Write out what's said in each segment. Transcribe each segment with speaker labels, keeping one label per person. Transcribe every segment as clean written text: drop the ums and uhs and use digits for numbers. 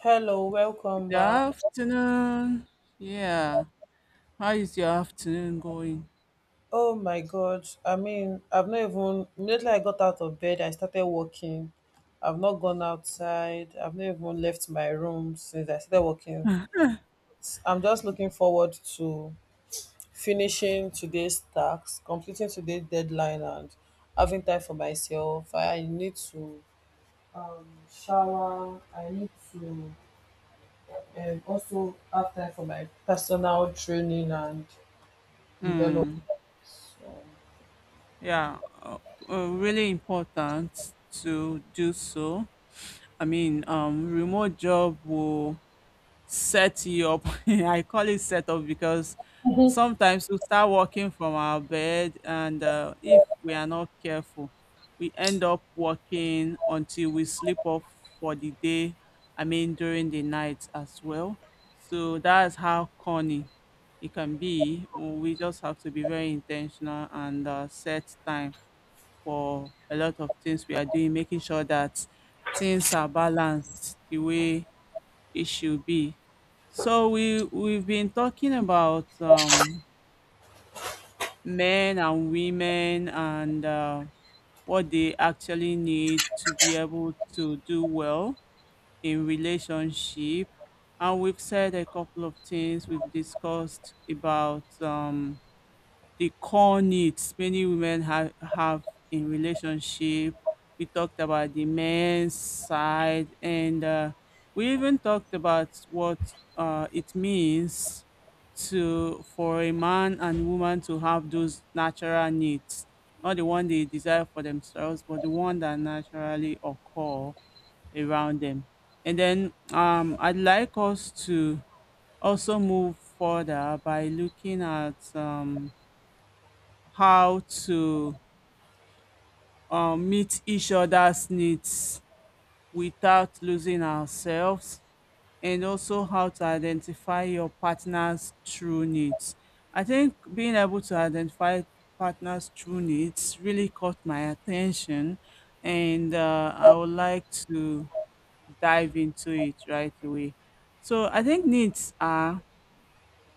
Speaker 1: Hello, welcome
Speaker 2: Good
Speaker 1: back.
Speaker 2: afternoon. Yeah. How is your afternoon going?
Speaker 1: Oh my God. I've not even, immediately I got out of bed, I started walking. I've not gone outside. I've not even left my room since I started walking. I'm just looking forward to finishing today's task, completing today's deadline, and having time for myself. I need to shower. I need to also have time for my personal training and development.
Speaker 2: Hmm. Yeah. Really important to do so. I mean, remote job will set you up. I call it set up because sometimes we start working from our bed, and if we are not careful, we end up working until we sleep off for the day. I mean, during the night as well. So that's how corny it can be. We just have to be very intentional and set time for a lot of things we are doing, making sure that things are balanced the way it should be. So we've been talking about men and women and what they actually need to be able to do well in relationship, and we've said a couple of things. We've discussed about the core needs many women have in relationship. We talked about the men's side, and we even talked about what it means to for a man and woman to have those natural needs, not the one they desire for themselves, but the one that naturally occur around them. And then I'd like us to also move further by looking at how to meet each other's needs without losing ourselves, and also how to identify your partner's true needs. I think being able to identify partner's true needs really caught my attention, and I would like to dive into it right away. So I think needs are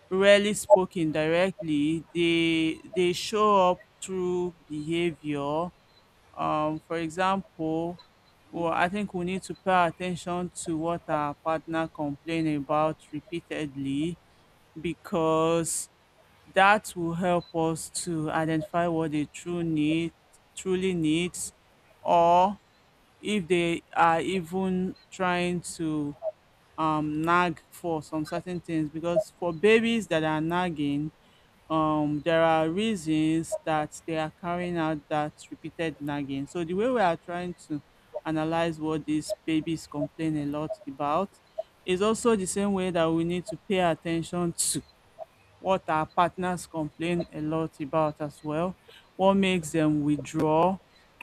Speaker 2: rarely spoken directly. They show up through behavior. For example, well, I think we need to pay attention to what our partner complain about repeatedly because that will help us to identify what truly needs, or if they are even trying to nag for some certain things. Because for babies that are nagging, there are reasons that they are carrying out that repeated nagging. So the way we are trying to analyze what these babies complain a lot about is also the same way that we need to pay attention to what our partners complain a lot about as well, what makes them withdraw,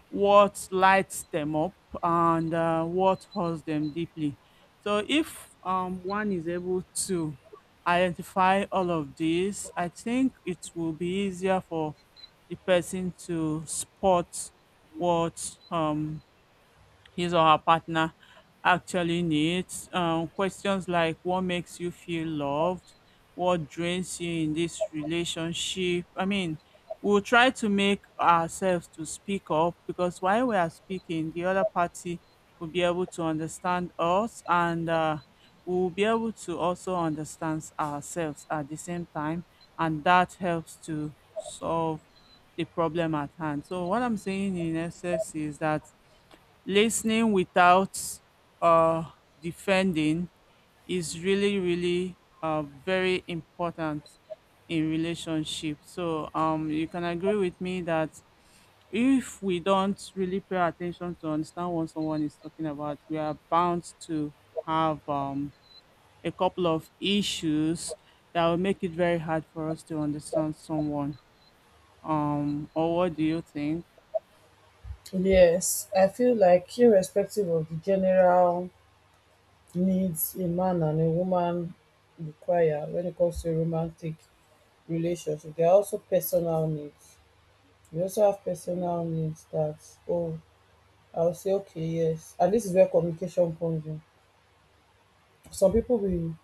Speaker 2: what lights them up, and what hurts them deeply. So, if one is able to identify all of these, I think it will be easier for the person to spot what his or her partner actually needs. Questions like what makes you feel loved, what drains you in this relationship. I mean, we'll try to make ourselves to speak up because while we are speaking, the other party will be able to understand us and we'll be able to also understand ourselves at the same time. And that helps to solve the problem at hand. So, what I'm saying in essence is that listening without uh, defending is really very important in relationship. So you can agree with me that if we don't really pay attention to understand what someone is talking about, we are bound to have a couple of issues that will make it very hard for us to understand someone, or what do you think?
Speaker 1: Yes, I feel like irrespective of the general needs a man and a woman require when it comes to a romantic relationship, there are also personal needs. We also have personal needs that, oh, I'll say, okay, yes. And this is where communication comes in. Some people will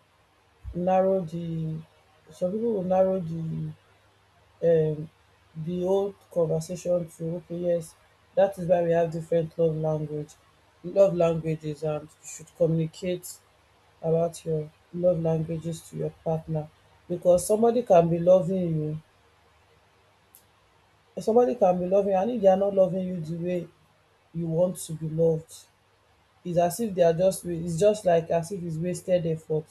Speaker 1: narrow the, some people will narrow um the whole conversation to okay, yes, that is why we have different love languages, and you should communicate about your love languages to your partner, because somebody can be loving you, and if they are not loving you the way you want to be loved, it's as if they are just it's just like as if it's wasted effort.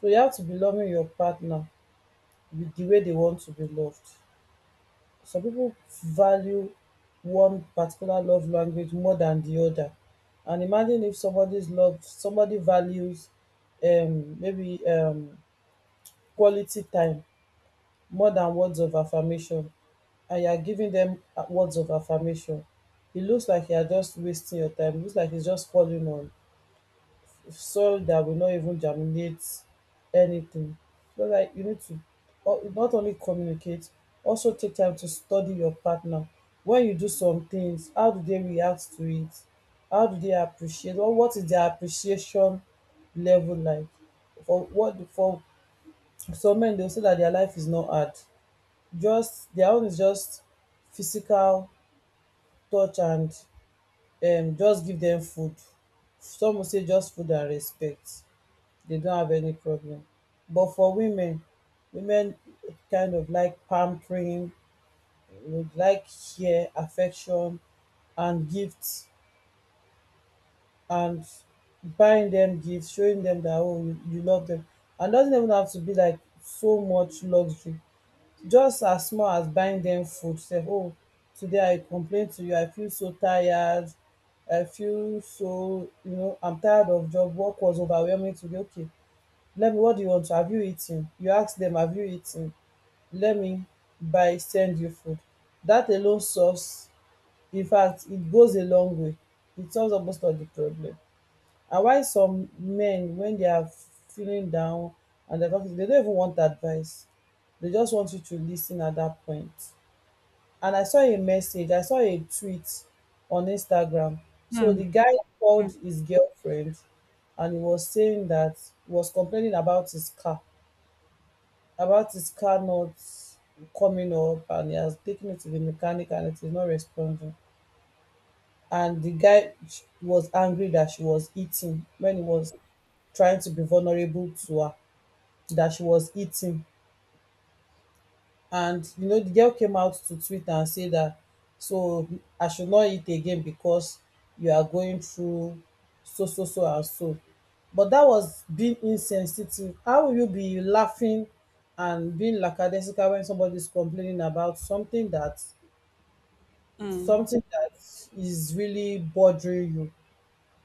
Speaker 1: So you have to be loving your partner with the way they want to be loved. Some people value one particular love language more than the other. And imagine if somebody values maybe quality time more than words of affirmation, and you are giving them words of affirmation, it looks like you are just wasting your time, it looks like it's just falling on soil that will not even germinate anything. So like you need to not only communicate, also take time to study your partner. When you do some things, how do they react to it? How do they appreciate, or what is their appreciation level like? For some men, they'll say that their life is not hard. Just their own is just physical touch and just give dem food. Some will say just food and respect. They don't have any problem. But for women, women kind of like pampering, would like care, affection, and gifts, and buying them gifts, showing them that oh you, you love them, and doesn't even have to be like so much luxury. Just as small as buying them food. Say oh, today I complain to you, I feel so tired, I feel so I'm tired of job. Work was overwhelming today. Okay, Let me what do you want to have, you eaten? You ask dem have you eaten? Let me buy send you food. Dat alone solves, in fact it goes a long way. It solves almost all the problem. And why some men wen they are feeling down and dem don dey no even want advice. They just want you to lis ten at dat point. And I saw a tweet on Instagram. So
Speaker 2: Mm.
Speaker 1: the guy
Speaker 2: Mm.
Speaker 1: called his girlfriend, and he was saying dat he was complaining about his car not coming up, and he has taken it to the mechanic and it is not responding. And the guy was angry that she was eating when he was trying to be vulnerable to her, that she was eating. And you know, the girl came out to Twitter and said that, so I should not eat again because you are going through so so so and so. But that was being insensitive. How will you be laughing and being lackadaisical when somebody is complaining about
Speaker 2: Mm.
Speaker 1: something that is really bothering you?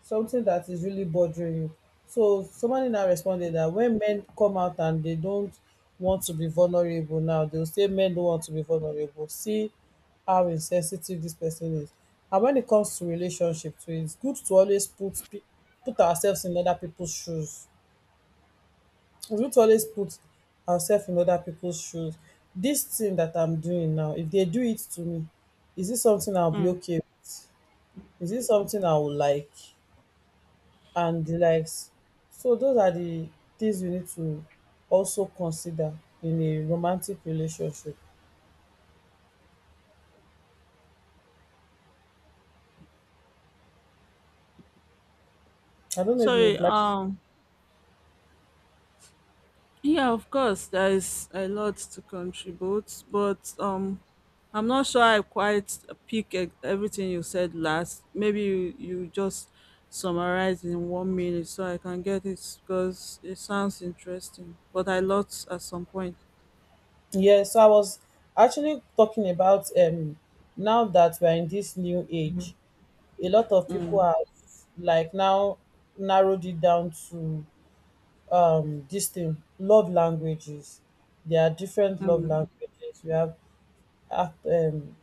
Speaker 1: Something that is really bothering you. So somebody now responded that when men come out and they don't want to be vulnerable now, they'll say men don't want to be vulnerable. See how insensitive this person is. And when it comes to relationship too, it's good to always put ourselves in other people's shoes. It's good to always put ourselves in other people's shoes. This thing that I'm doing now, if they do it to me, is this something I'll be
Speaker 2: Mm.
Speaker 1: okay with? Is this something I will like? And the likes. So those are the things we need to also consider in a romantic relationship. I don't know if you
Speaker 2: So,
Speaker 1: would like.
Speaker 2: um Yeah, of course, there is a lot to contribute, but I'm not sure I quite pick everything you said last. Maybe you just summarize in one minute so I can get it because it sounds interesting. But I lost at some point.
Speaker 1: Yeah, so I was actually talking about now that we're in this new age, a lot of people are like now narrowed it down to this thing, love languages. There are different love
Speaker 2: Mm.
Speaker 1: languages. We have act, um,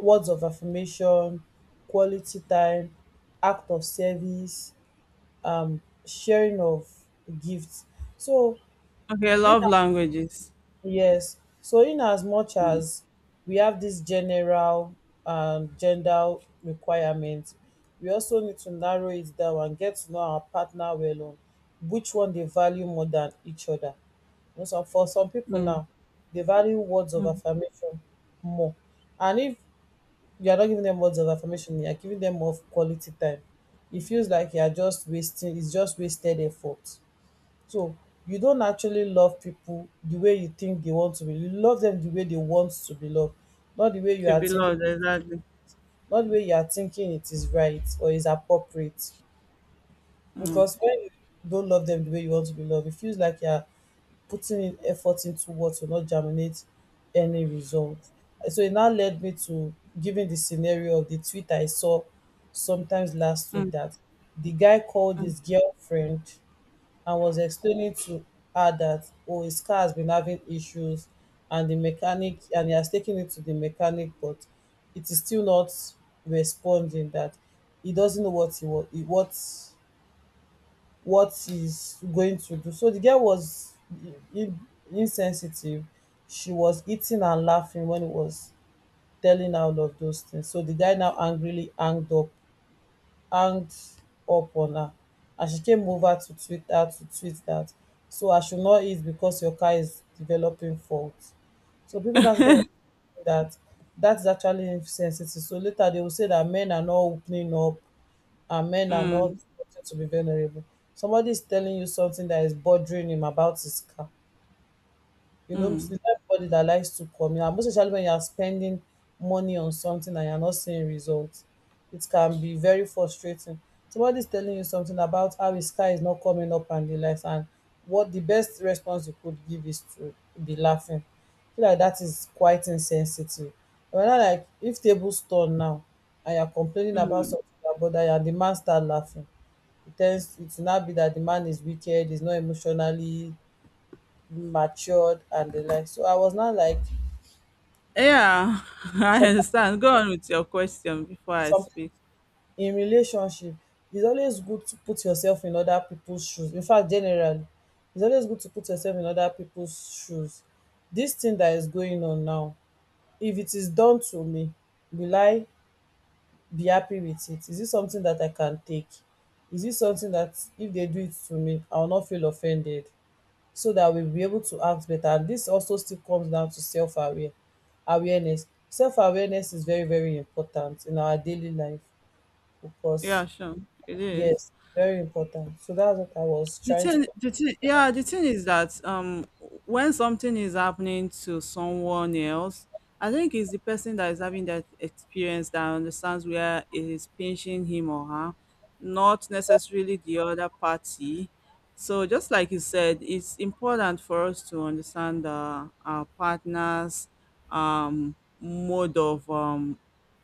Speaker 1: words of affirmation, quality time, act of service, sharing of gifts. So
Speaker 2: Okay, I
Speaker 1: in
Speaker 2: love languages.
Speaker 1: yes, so in as much
Speaker 2: Mm.
Speaker 1: as we have this general gender requirement, we also need to narrow it down and get to know our partner well on which one they value more than each other. You know, so for some people
Speaker 2: Mm.
Speaker 1: now, they value words of
Speaker 2: Mm.
Speaker 1: affirmation more. And if you are not giving them words of affirmation, you are giving them more of quality time, it feels like you are just it's just wasted effort. So you don't actually love people the way you think they want to be. You love them the way they want to be loved, not the way you
Speaker 2: To
Speaker 1: are
Speaker 2: be
Speaker 1: think,
Speaker 2: loved, exactly.
Speaker 1: not the way you are thinking it is right or is appropriate. Because when you don't love them the way you want to be loved, it feels like you are putting in effort into what will not germinate any result. And so it now led me to giving the scenario of the tweet I saw sometimes last week,
Speaker 2: Mm.
Speaker 1: that the guy called
Speaker 2: Mm.
Speaker 1: his girlfriend and was explaining to her that oh, his car has been having issues, and the mechanic and he has taken it to the mechanic, but it is still not responding, that he doesn't know what he's going to do. So the girl was in- insensitive, she was eating and laughing when he was telling her all of those things. So the guy now angrily hanged up on her, and she came over to Twitter to tweet that, so I should not eat because your car is developing fault. So people now started realizing that that's actually insensitive. So later they will say that men are not opening up and men are not wanting to be vulnerable. Somebody is telling you something that is bothering him about his car. You know, it's not everybody that likes to commit, and most especially when you are spending money on something and you're not seeing results. It can be very frustrating. Somebody is telling you something about how his car is not coming up and the likes, and what the best response you could give is to be laughing. I feel like that is quite insensitive. But not like, if tables turn now and you're complaining about something about that bother you and the man start laughing, it tends it will not be that the man is wicked, he's not emotionally matured and the like. So I was not like
Speaker 2: Yeah, I
Speaker 1: some
Speaker 2: understand. Go on with your question before I
Speaker 1: some
Speaker 2: speak.
Speaker 1: in relationship. It's always good to put yourself in other people's shoes. In fact, generally, it's always good to put yourself in other people's shoes. This thing that is going on now, if it is done to me, will I be happy with it? Is it something that I can take? Is it something that if they do it to me, I will not feel offended? So that we'll be able to act better. And this also still comes down to self aware awareness. Self awareness is very, very important in our daily life because
Speaker 2: Yeah, sure. It is.
Speaker 1: yes, very important. So that's what I was
Speaker 2: The
Speaker 1: trying to
Speaker 2: thing,
Speaker 1: co-
Speaker 2: the thing, yeah, the thing is that when something is happening to someone else, I think it's the person that is having that experience that understands where it is pinching him or her, not necessarily the other party. So just like you said, it's important for us to understand our partner's mode of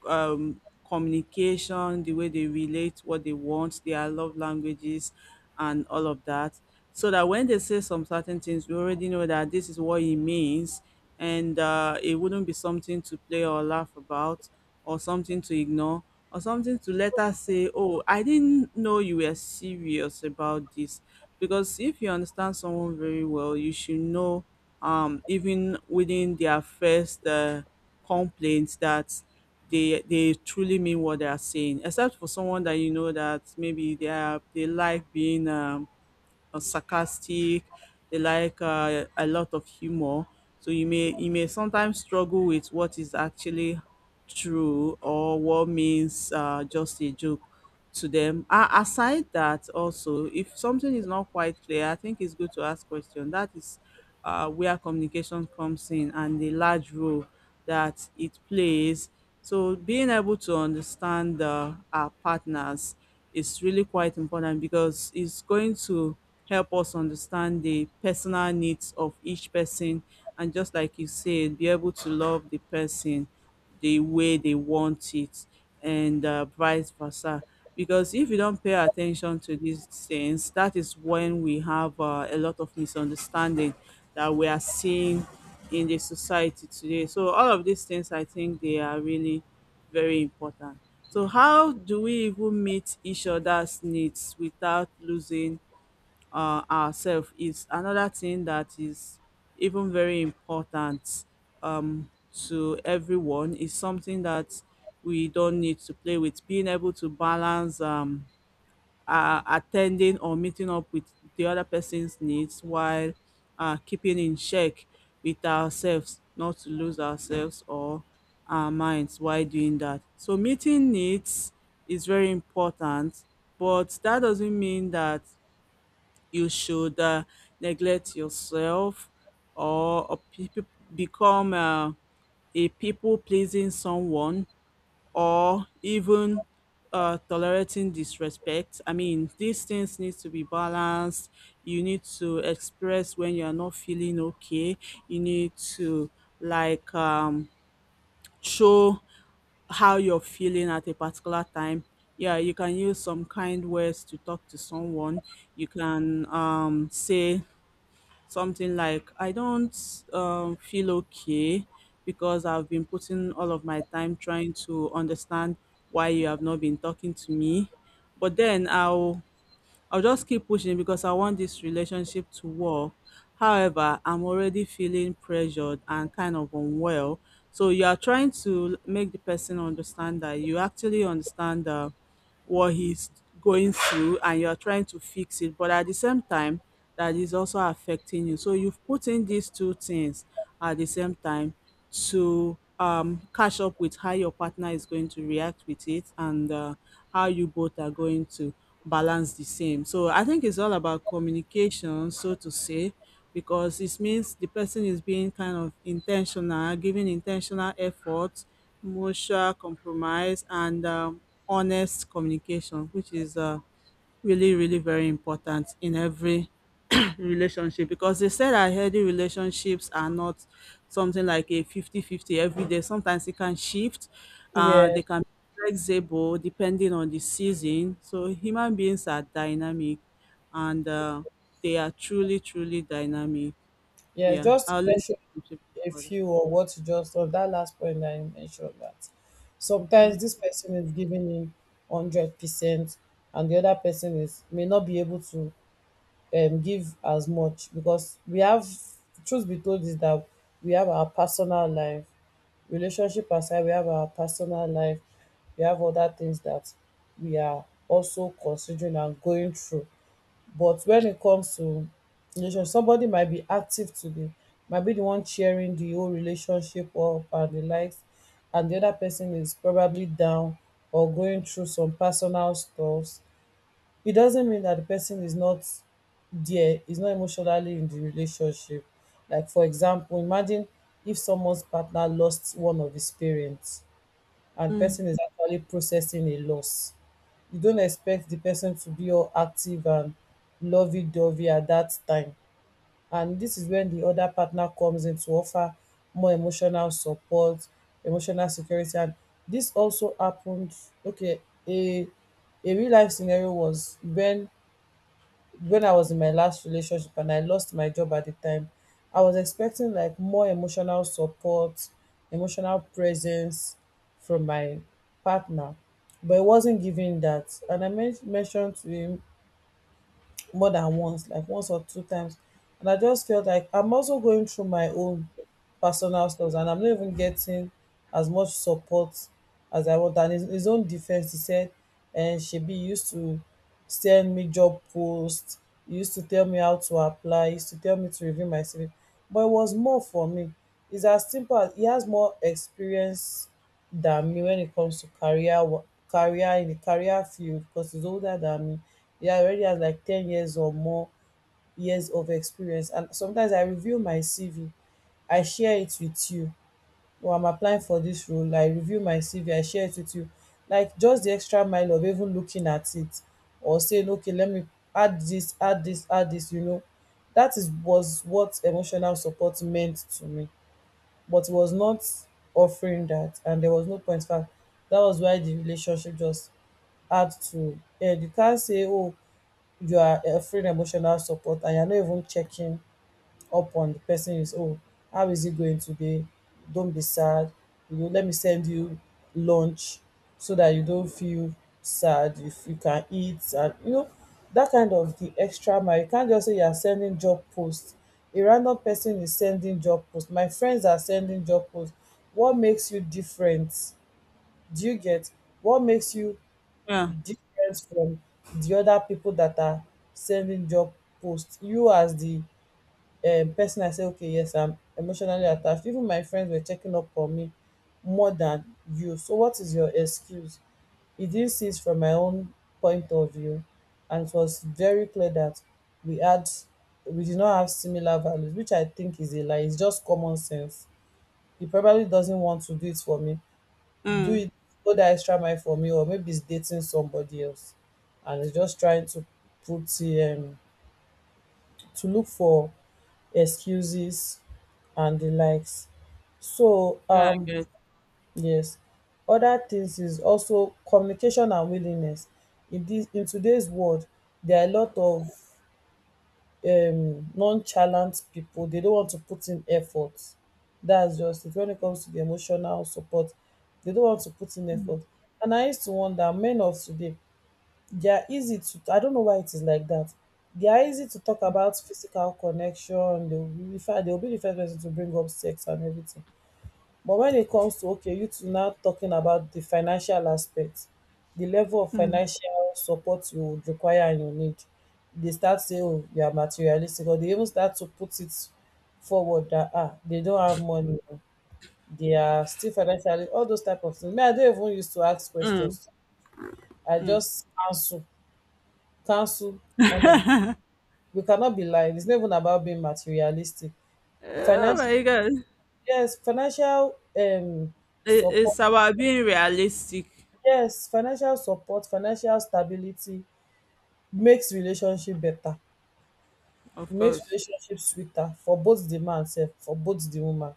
Speaker 2: um, communication, the way they relate, what they want, their love languages and all of that. So that when they say some certain things, we already know that this is what it means, and it wouldn't be something to play or laugh about, or something to ignore, or something to let us say, "Oh, I didn't know you were serious about this." Because if you understand someone very well, you should know, even within their first complaints, that they truly mean what they are saying, except for someone that you know that maybe they like being sarcastic, they like a lot of humor, so you may sometimes struggle with what is actually true or what means just a joke to them. Aside that, also, if something is not quite clear, I think it's good to ask question. That is where communication comes in and the large role that it plays. So, being able to understand our partners is really quite important, because it's going to help us understand the personal needs of each person and, just like you said, be able to love the person the way they want it, and vice versa. Because if you don't pay attention to these things, that is when we have a lot of misunderstanding that we are seeing in the society today. So all of these things, I think they are really very important. So how do we even meet each other's needs without losing ourselves is another thing that is even very important, um, to everyone. Is something that we don't need to play with. Being able to balance attending or meeting up with the other person's needs while keeping in check with ourselves, not to lose ourselves or our minds while doing that. So, meeting needs is very important, but that doesn't mean that you should neglect yourself or become a people pleasing someone, or even tolerating disrespect. I mean, these things need to be balanced. You need to express when you are not feeling okay. You need to, like, show how you're feeling at a particular time. Yeah, you can use some kind words to talk to someone. You can say something like, I don't feel okay because I've been putting all of my time trying to understand why you have not been talking to me, but then I'll just keep pushing because I want this relationship to work. However, I'm already feeling pressured and kind of unwell. So you are trying to make the person understand that you actually understand what he's going through and you're trying to fix it. But at the same time, that is also affecting you. So you've put in these two things at the same time to catch up with how your partner is going to react with it and how you both are going to balance the same. So I think it's all about communication, so to say, because it means the person is being kind of intentional, giving intentional effort, mutual compromise, and honest communication, which is really, really very important in every relationship, because they said that healthy relationships are not something like a 50-50 every day. Sometimes it can shift,
Speaker 1: yeah,
Speaker 2: they can be flexible depending on the season. So, human beings are dynamic, and they are truly, truly dynamic.
Speaker 1: yeah,
Speaker 2: Yeah,
Speaker 1: Just to
Speaker 2: I'll let you
Speaker 1: mention
Speaker 2: contribute
Speaker 1: a
Speaker 2: further.
Speaker 1: few or what you just on that last point that you mentioned, that sometimes this person is giving me 100% and the other person is may not be able to give as much because we have, truth be told is that we have our personal life, relationship aside, we have our personal life, we have other things that we are also considering and going through. But when it comes to relationship, somebody might be active today, might be the one cheering the whole relationship up and the likes, and the other person is probably down or going through some personal stuff. It doesn't mean that the person is not, there is not emotionally in the relationship. Like, for example, imagine if someone's partner lost one of his parents and
Speaker 2: Mm.
Speaker 1: person is actually processing a loss, you don't expect the person to be all active and lovey-dovey at that time. And this is when the other partner comes in to offer more emotional support, emotional security. And this also happened, okay, a a real life scenario was when I was in my last relationship and I lost my job at the time, I was expecting like more emotional support, emotional presence from my partner, but it wasn't giving that. And I mentioned to him more than once, like once or two times. And I just felt like I'm also going through my own personal stuff and I'm not even getting as much support as I want. And his own defense, he said, and she be used to send me job posts, he used to tell me how to apply, he used to tell me to review my CV. But it was more for me. It's as simple as he has more experience than me when it comes to career career in the career field because he's older than me. He already has like 10 years or more years of experience. And sometimes I review my CV, I share it with you. Or I'm applying for this role, I review my CV, I share it with you. Like just the extra mile of even looking at it or saying, okay, let me add this, add this, add this, you know. That is was what emotional support meant to me, but he was not offering that. And there was no point, in fact that was why the relationship just had to end. You can't say, oh, you are offering emotional support and you're not even checking up on the person, is oh, how is it going today, don't be sad, you know, let me send you lunch so that you don't feel sad, if you can eat, and you know, that kind of the extra mile. You can't just say you are sending job posts. A random person is sending job posts. My friends are sending job posts. What makes you different? Do you get? What makes you
Speaker 2: Yeah,
Speaker 1: different from the other people that are sending job posts? You as the person, I say, okay, yes, I'm emotionally attached, even my friends were checking up on me more than you, so what is your excuse? He didn't see it from my own point of view. And it was very clear that we had, we did not have similar values, which I think is a lie, it's just common sense. He probably doesn't want to do it for me, do
Speaker 2: mm.
Speaker 1: it, go that extra mile for me. Or maybe he's dating somebody else and he's just trying to put to look for excuses and the likes. So
Speaker 2: Yeah, I get.
Speaker 1: yes, other things is also communication and willingness. In this, in today's world, there are a lot of nonchalant people. They don't want to put in effort. That's just it. When it comes to the emotional support, they don't want to put in effort. And I used to wonder, men of today, they are easy to, I don't know why it is like that, they are easy to talk about physical connection, they'll be refer they'll be the first person to bring up sex and everything. But when it comes to okay, you two now talking about the financial aspect, the level of
Speaker 2: Mm.
Speaker 1: financial support you would require and you need, they start saying, oh, you are materialistic, or they even start to put it forward that, ah, they don't have money, oh, they are still financially, all those type of things, me I don't even used to ask
Speaker 2: Mm.
Speaker 1: questions, I just answer. Cancel on the, we cannot be lying. It's not even about being materialistic.
Speaker 2: Oh
Speaker 1: Financial,
Speaker 2: my god,
Speaker 1: yes, financial
Speaker 2: it,
Speaker 1: support.
Speaker 2: it's about being realistic.
Speaker 1: Yes, financial support, financial stability makes relationship better. It
Speaker 2: Of
Speaker 1: makes
Speaker 2: course.
Speaker 1: relationship sweeter for both the man self, for both the woman.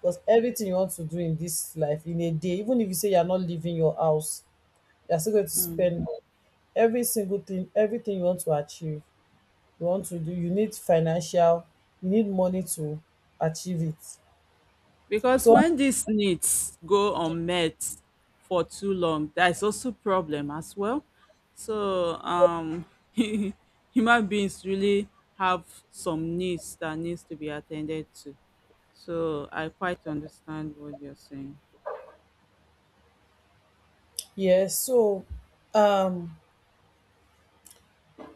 Speaker 1: Because everything you want to do in this life in a day, even if you say you're not leaving your house, you're still going to spend every single thing. Everything you want to achieve, you want to do, you need financial, you need money to achieve it.
Speaker 2: Because
Speaker 1: So
Speaker 2: when these needs go unmet for too long, there is also problem as well. So human beings really have some needs that needs to be attended to. So I quite understand what you're saying.
Speaker 1: yes, so um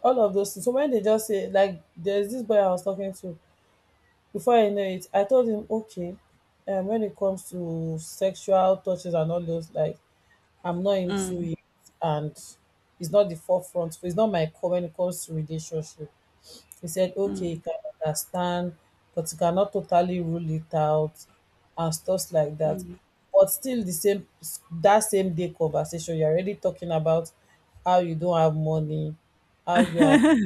Speaker 1: all of those things. So when they just say, like, there's this boy I was talking to, before I know it, I told him, okay, when it comes to sexual touches and all those, like, I'm not into it, and it's not the forefront, it's not my core when it comes to relationship. He said, okay, you can understand, but you cannot totally rule it out and stuff like that. But still the same, that same day conversation, you're already talking about how you don't have money, how you are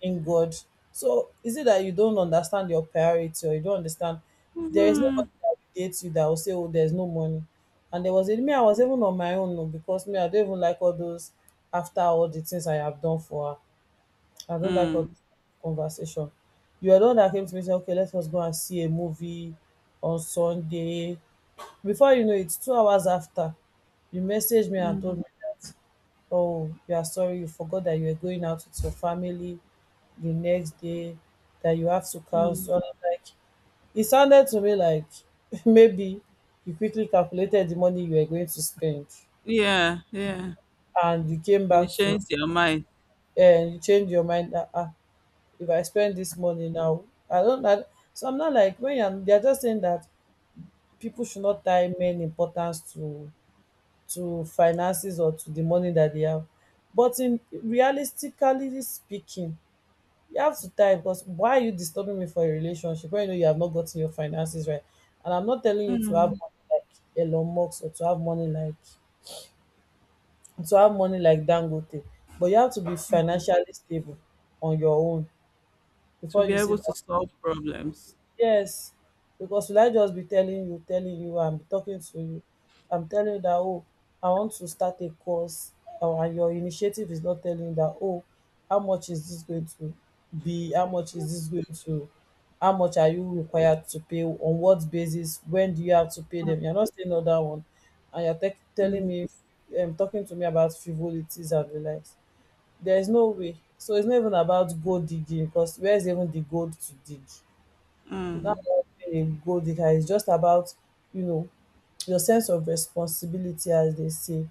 Speaker 1: in God. So is it that you don't understand your priority or you don't understand, there is
Speaker 2: Mhm.
Speaker 1: nobody that will date you that will say, oh, there's no money. And there was a me, I was even on my own, oh, because me, I don't even like all those, after all the things I have done for her. I don't like all
Speaker 2: Mm,
Speaker 1: this conversation. You are the one that came to me say, okay, let us go and see a movie on Sunday. Before you know it, 2 hours after, you messaged me and told
Speaker 2: mm,
Speaker 1: me that, oh, you are sorry, you forgot that you were going out with your family the next day, that you have to
Speaker 2: mm.
Speaker 1: cancel. And I'm like, it sounded to me like maybe you quickly calculated the money you were going to spend
Speaker 2: Yeah, yeah.
Speaker 1: and you came
Speaker 2: It
Speaker 1: back to,
Speaker 2: changes your mind.
Speaker 1: and you changed your mind. If I spend this money now, I don't that. So I'm not like, when I'm, they're just saying that people should not tie men importance to finances or to the money that they have. But in realistically speaking, you have to tie, because why are you disturbing me for a relationship when you know you have not gotten your finances right? And I'm not telling you to have
Speaker 2: Mm.
Speaker 1: money like Elon Musk, or to have money like, to have money like Dangote, but you have to be financially stable on your own
Speaker 2: To
Speaker 1: before
Speaker 2: be
Speaker 1: you say
Speaker 2: able to
Speaker 1: that.
Speaker 2: solve problems.
Speaker 1: Yes, because will I just be telling you, I'm talking to you, I'm telling you that, oh, I want to start a course, or, and your initiative is not telling you that, oh, how much is this going to be? How much is this going to? How much are you required to pay? On what basis? When do you have to pay them? You're not saying all that one, and you're telling me, talking to me about frivolities and the likes. There is no way. So it's not even about gold digging, because where's even the gold to dig without being a goal digger? It's just about, you know, your sense of responsibility, as they say,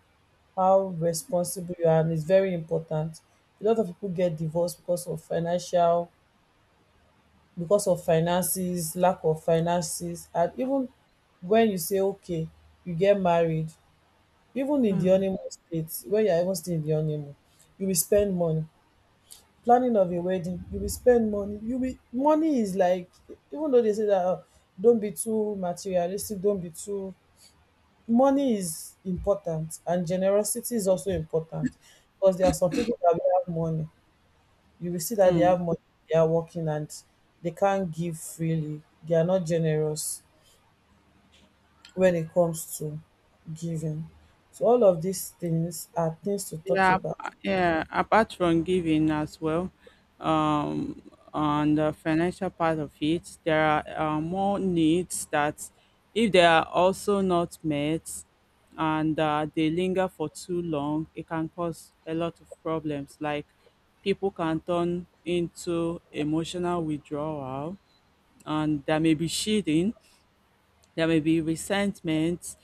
Speaker 1: how responsible you are, and it's very important. A lot of people get divorced because of financial, because of finances, lack of finances. And even when you say, okay, you get married, even in the honeymoon state, when you're even still in the honeymoon, you will spend money planning of a wedding, you will spend money, you will, money is like, even though they say that, oh, don't be too materialistic, don't be too, money is important. And generosity is also important, because there are some people that will have money, you will see that they have money, they are working, and they can't give freely, they are not generous when it comes to giving. So all of these things are things to talk
Speaker 2: Yeah,
Speaker 1: about.
Speaker 2: yeah. Apart from giving as well, um, on the financial part of it, there are more needs that, if they are also not met, and they linger for too long, it can cause a lot of problems. Like, people can turn into emotional withdrawal, and there may be cheating, there may be resentment,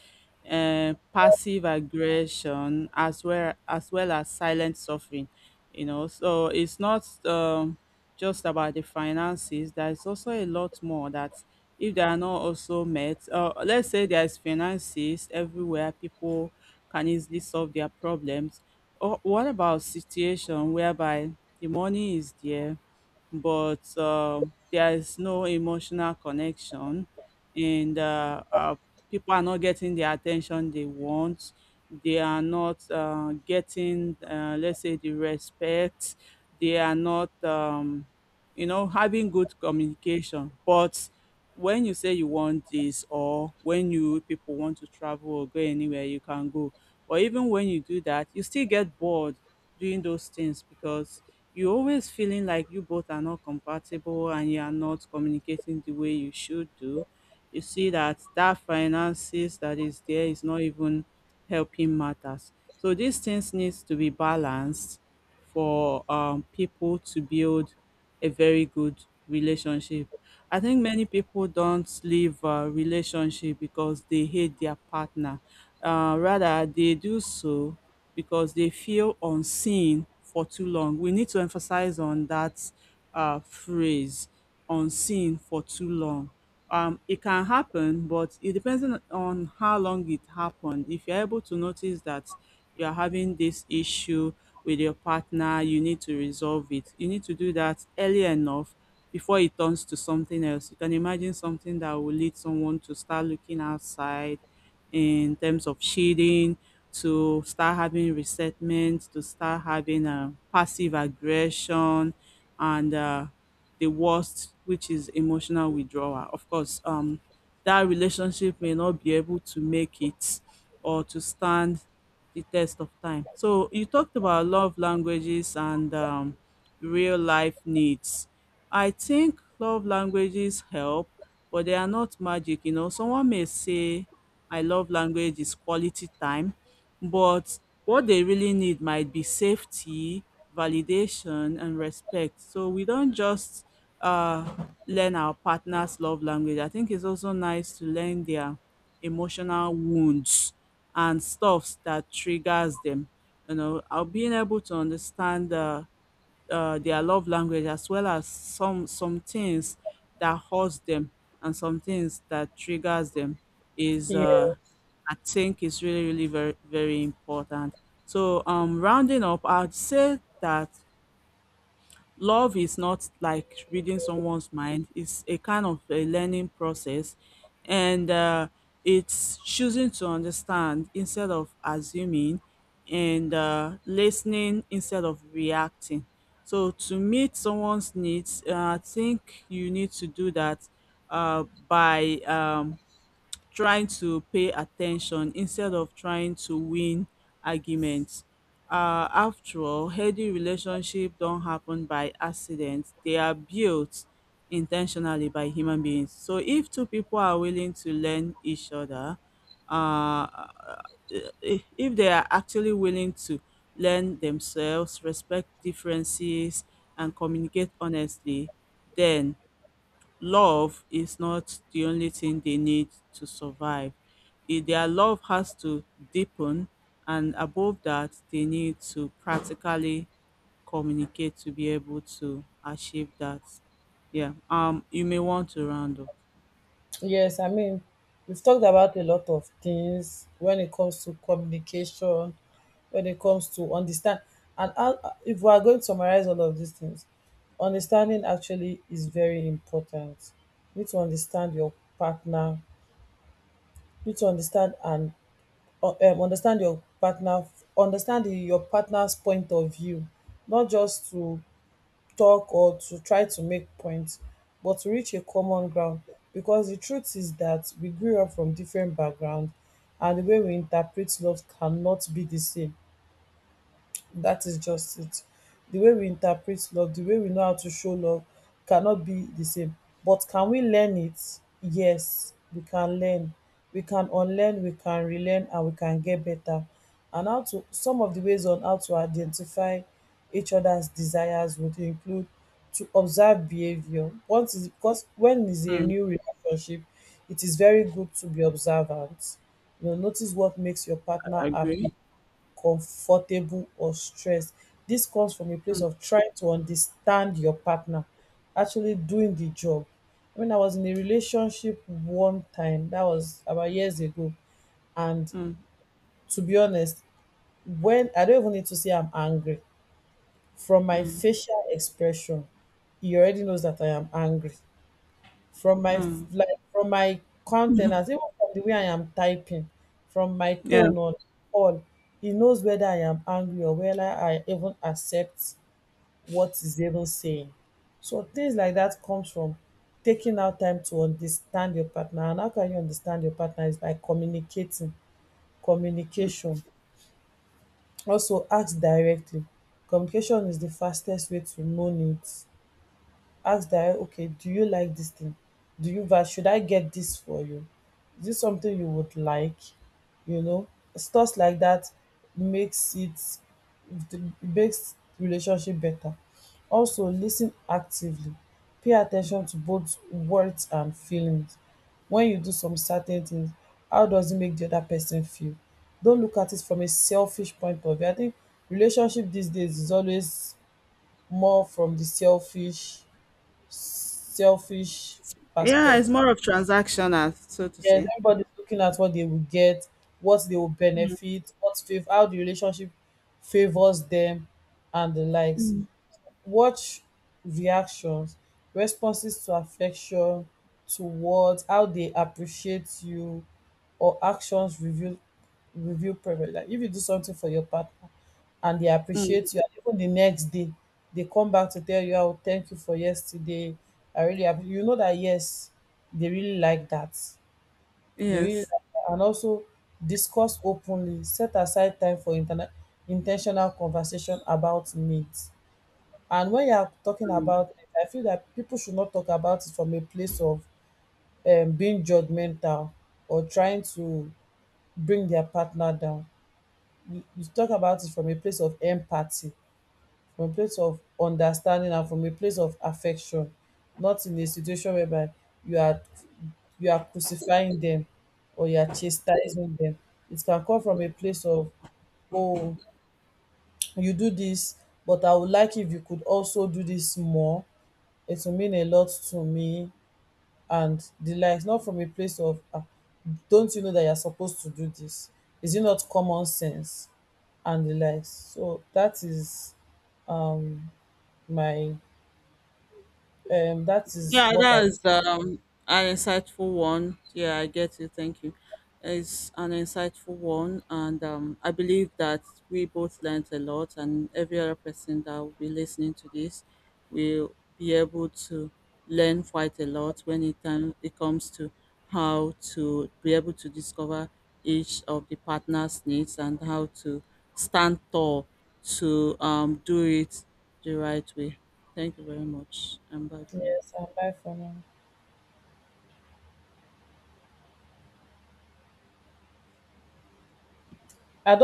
Speaker 2: passive aggression, as well as, well as silent suffering. You know, so it's not just about the finances. There is also a lot more that, if they are not also met, let's say there is finances everywhere, people can easily solve their problems. Or what about situation whereby the money is there, but there is no emotional connection, and people are not getting the attention they want. They are not getting, let's say, the respect. They are not, having good communication. But when you say you want this, or when you people want to travel or go anywhere, you can go. Or even when you do that, you still get bored doing those things because you are always feeling like you both are not compatible and you are not communicating the way you should do. You see that finances that is there is not even helping matters. So these things needs to be balanced for people to build a very good relationship. I think many people don't leave a relationship because they hate their partner. Rather, they do so because they feel unseen for too long. We need to emphasize on that phrase, unseen for too long. It can happen, but it depends on how long it happened. If you're able to notice that you're having this issue with your partner, you need to resolve it. You need to do that early enough before it turns to something else. You can imagine something that will lead someone to start looking outside in terms of shading, to start having resentment, to start having a passive aggression, and the worst, which is emotional withdrawal. Of course, that relationship may not be able to make it or to stand the test of time. So you talked about love languages and real life needs. I think love languages help, but they are not magic. You know, someone may say my love language is quality time, but what they really need might be safety, validation, and respect. So we don't just learn our partner's love language. I think it's also nice to learn their emotional wounds and stuffs that triggers them. Being able to understand their love language as well as some things that hurts them and some things that triggers them is I think is really very important. So rounding up, I'd say that love is not like reading someone's mind. It's a kind of a learning process, and it's choosing to understand instead of assuming, and listening instead of reacting. So to meet someone's needs, I think you need to do that by um, trying to pay attention instead of trying to win arguments. After all, healthy relationship don't happen by accident. They are built intentionally by human beings. So if two people are willing to learn each other, uh, if they are actually willing to learn themselves, respect differences, and communicate honestly, then love is not the only thing they need to survive. Their love has to deepen, and above that, they need to practically communicate to be able to achieve that. Yeah. You may want to round up.
Speaker 1: Yes, I mean, we've talked about a lot of things when it comes to communication, when it comes to understand. And how, if we are going to summarize all of these things, understanding actually is very important. You need to understand your partner. You need to understand and understand your partner, understand your partner's point of view, not just to talk or to try to make points, but to reach a common ground. Because the truth is that we grew up from different backgrounds, and the way we interpret love cannot be the same, that is just it. The way we interpret love, the way we know how to show love, cannot be the same. But can we learn it? Yes, we can learn. We can unlearn, we can relearn, and we can get better. And how to, some of the ways on how to identify each other's desires would include to observe behavior. Once is because when is a
Speaker 2: Mm,
Speaker 1: new relationship, it is very good to be observant. You know, notice what makes your partner happy, comfortable or stressed. This comes from a place of trying to understand your partner, actually doing the job. When I was in a relationship one time, that was about years ago, and
Speaker 2: mm.
Speaker 1: to be honest, when I don't even need to say I'm angry, from my facial expression, he already knows that I am angry, from my like from my countenance, even from the way I am typing, from my
Speaker 2: Yeah.
Speaker 1: tone, on all he knows whether I am angry or whether I even accept what is even saying. So things like that comes from taking out time to understand your partner. And how can you understand your partner is by communicating, communication. Also ask directly, communication is the fastest way to know needs. Ask that, okay, do you like this thing? Do you should I get this for you? Is this something you would like? You know, stuff like that makes it, makes relationship better. Also listen actively, pay attention to both words and feelings. When you do some certain things, how does it make the other person feel? Don't look at it from a selfish point of view. I think relationship these days is always more from the selfish
Speaker 2: Yeah, it's
Speaker 1: perspective.
Speaker 2: more of transactional, so to
Speaker 1: Yes,
Speaker 2: say.
Speaker 1: everybody's looking at what they will get, what they will benefit, what how the relationship favors them, and the likes. Watch reactions, responses to affection, to words, how they appreciate you, or actions reveal preference. Like, if you do something for your partner and they
Speaker 2: Mm.
Speaker 1: appreciate you, and even the next day they come back to tell you how thank you for yesterday, I really you know that yes, they really like that, they really like
Speaker 2: Yes.
Speaker 1: that. And also discuss openly, set aside time for intentional conversation about needs. And when you are talking about it, I feel that people should not talk about it from a place of being judgmental or trying to bring their partner down. You talk about it from a place of empathy, from a place of understanding, and from a place of affection, not in a situation whereby you are, you are crucifying them or you are chastising them. It can come from a place of, oh, you do this, but I would like if you could also do this more. It will mean a lot to me and the likes, not from a place of, ah, don't you know that you're supposed to do this? Is it not common sense? And the likes. So that is um my that is
Speaker 2: Yeah,
Speaker 1: what I,
Speaker 2: that is an insightful one. Yeah, I get you. Thank you. It's an insightful one, and I believe that we both learned a lot, and every other person that will be listening to this will be able to learn quite a lot when it comes to how to be able to discover each of the partner's needs and how to stand tall to do it the right way. Thank you very much, and bye for now.
Speaker 1: yes, and buy for now. I don't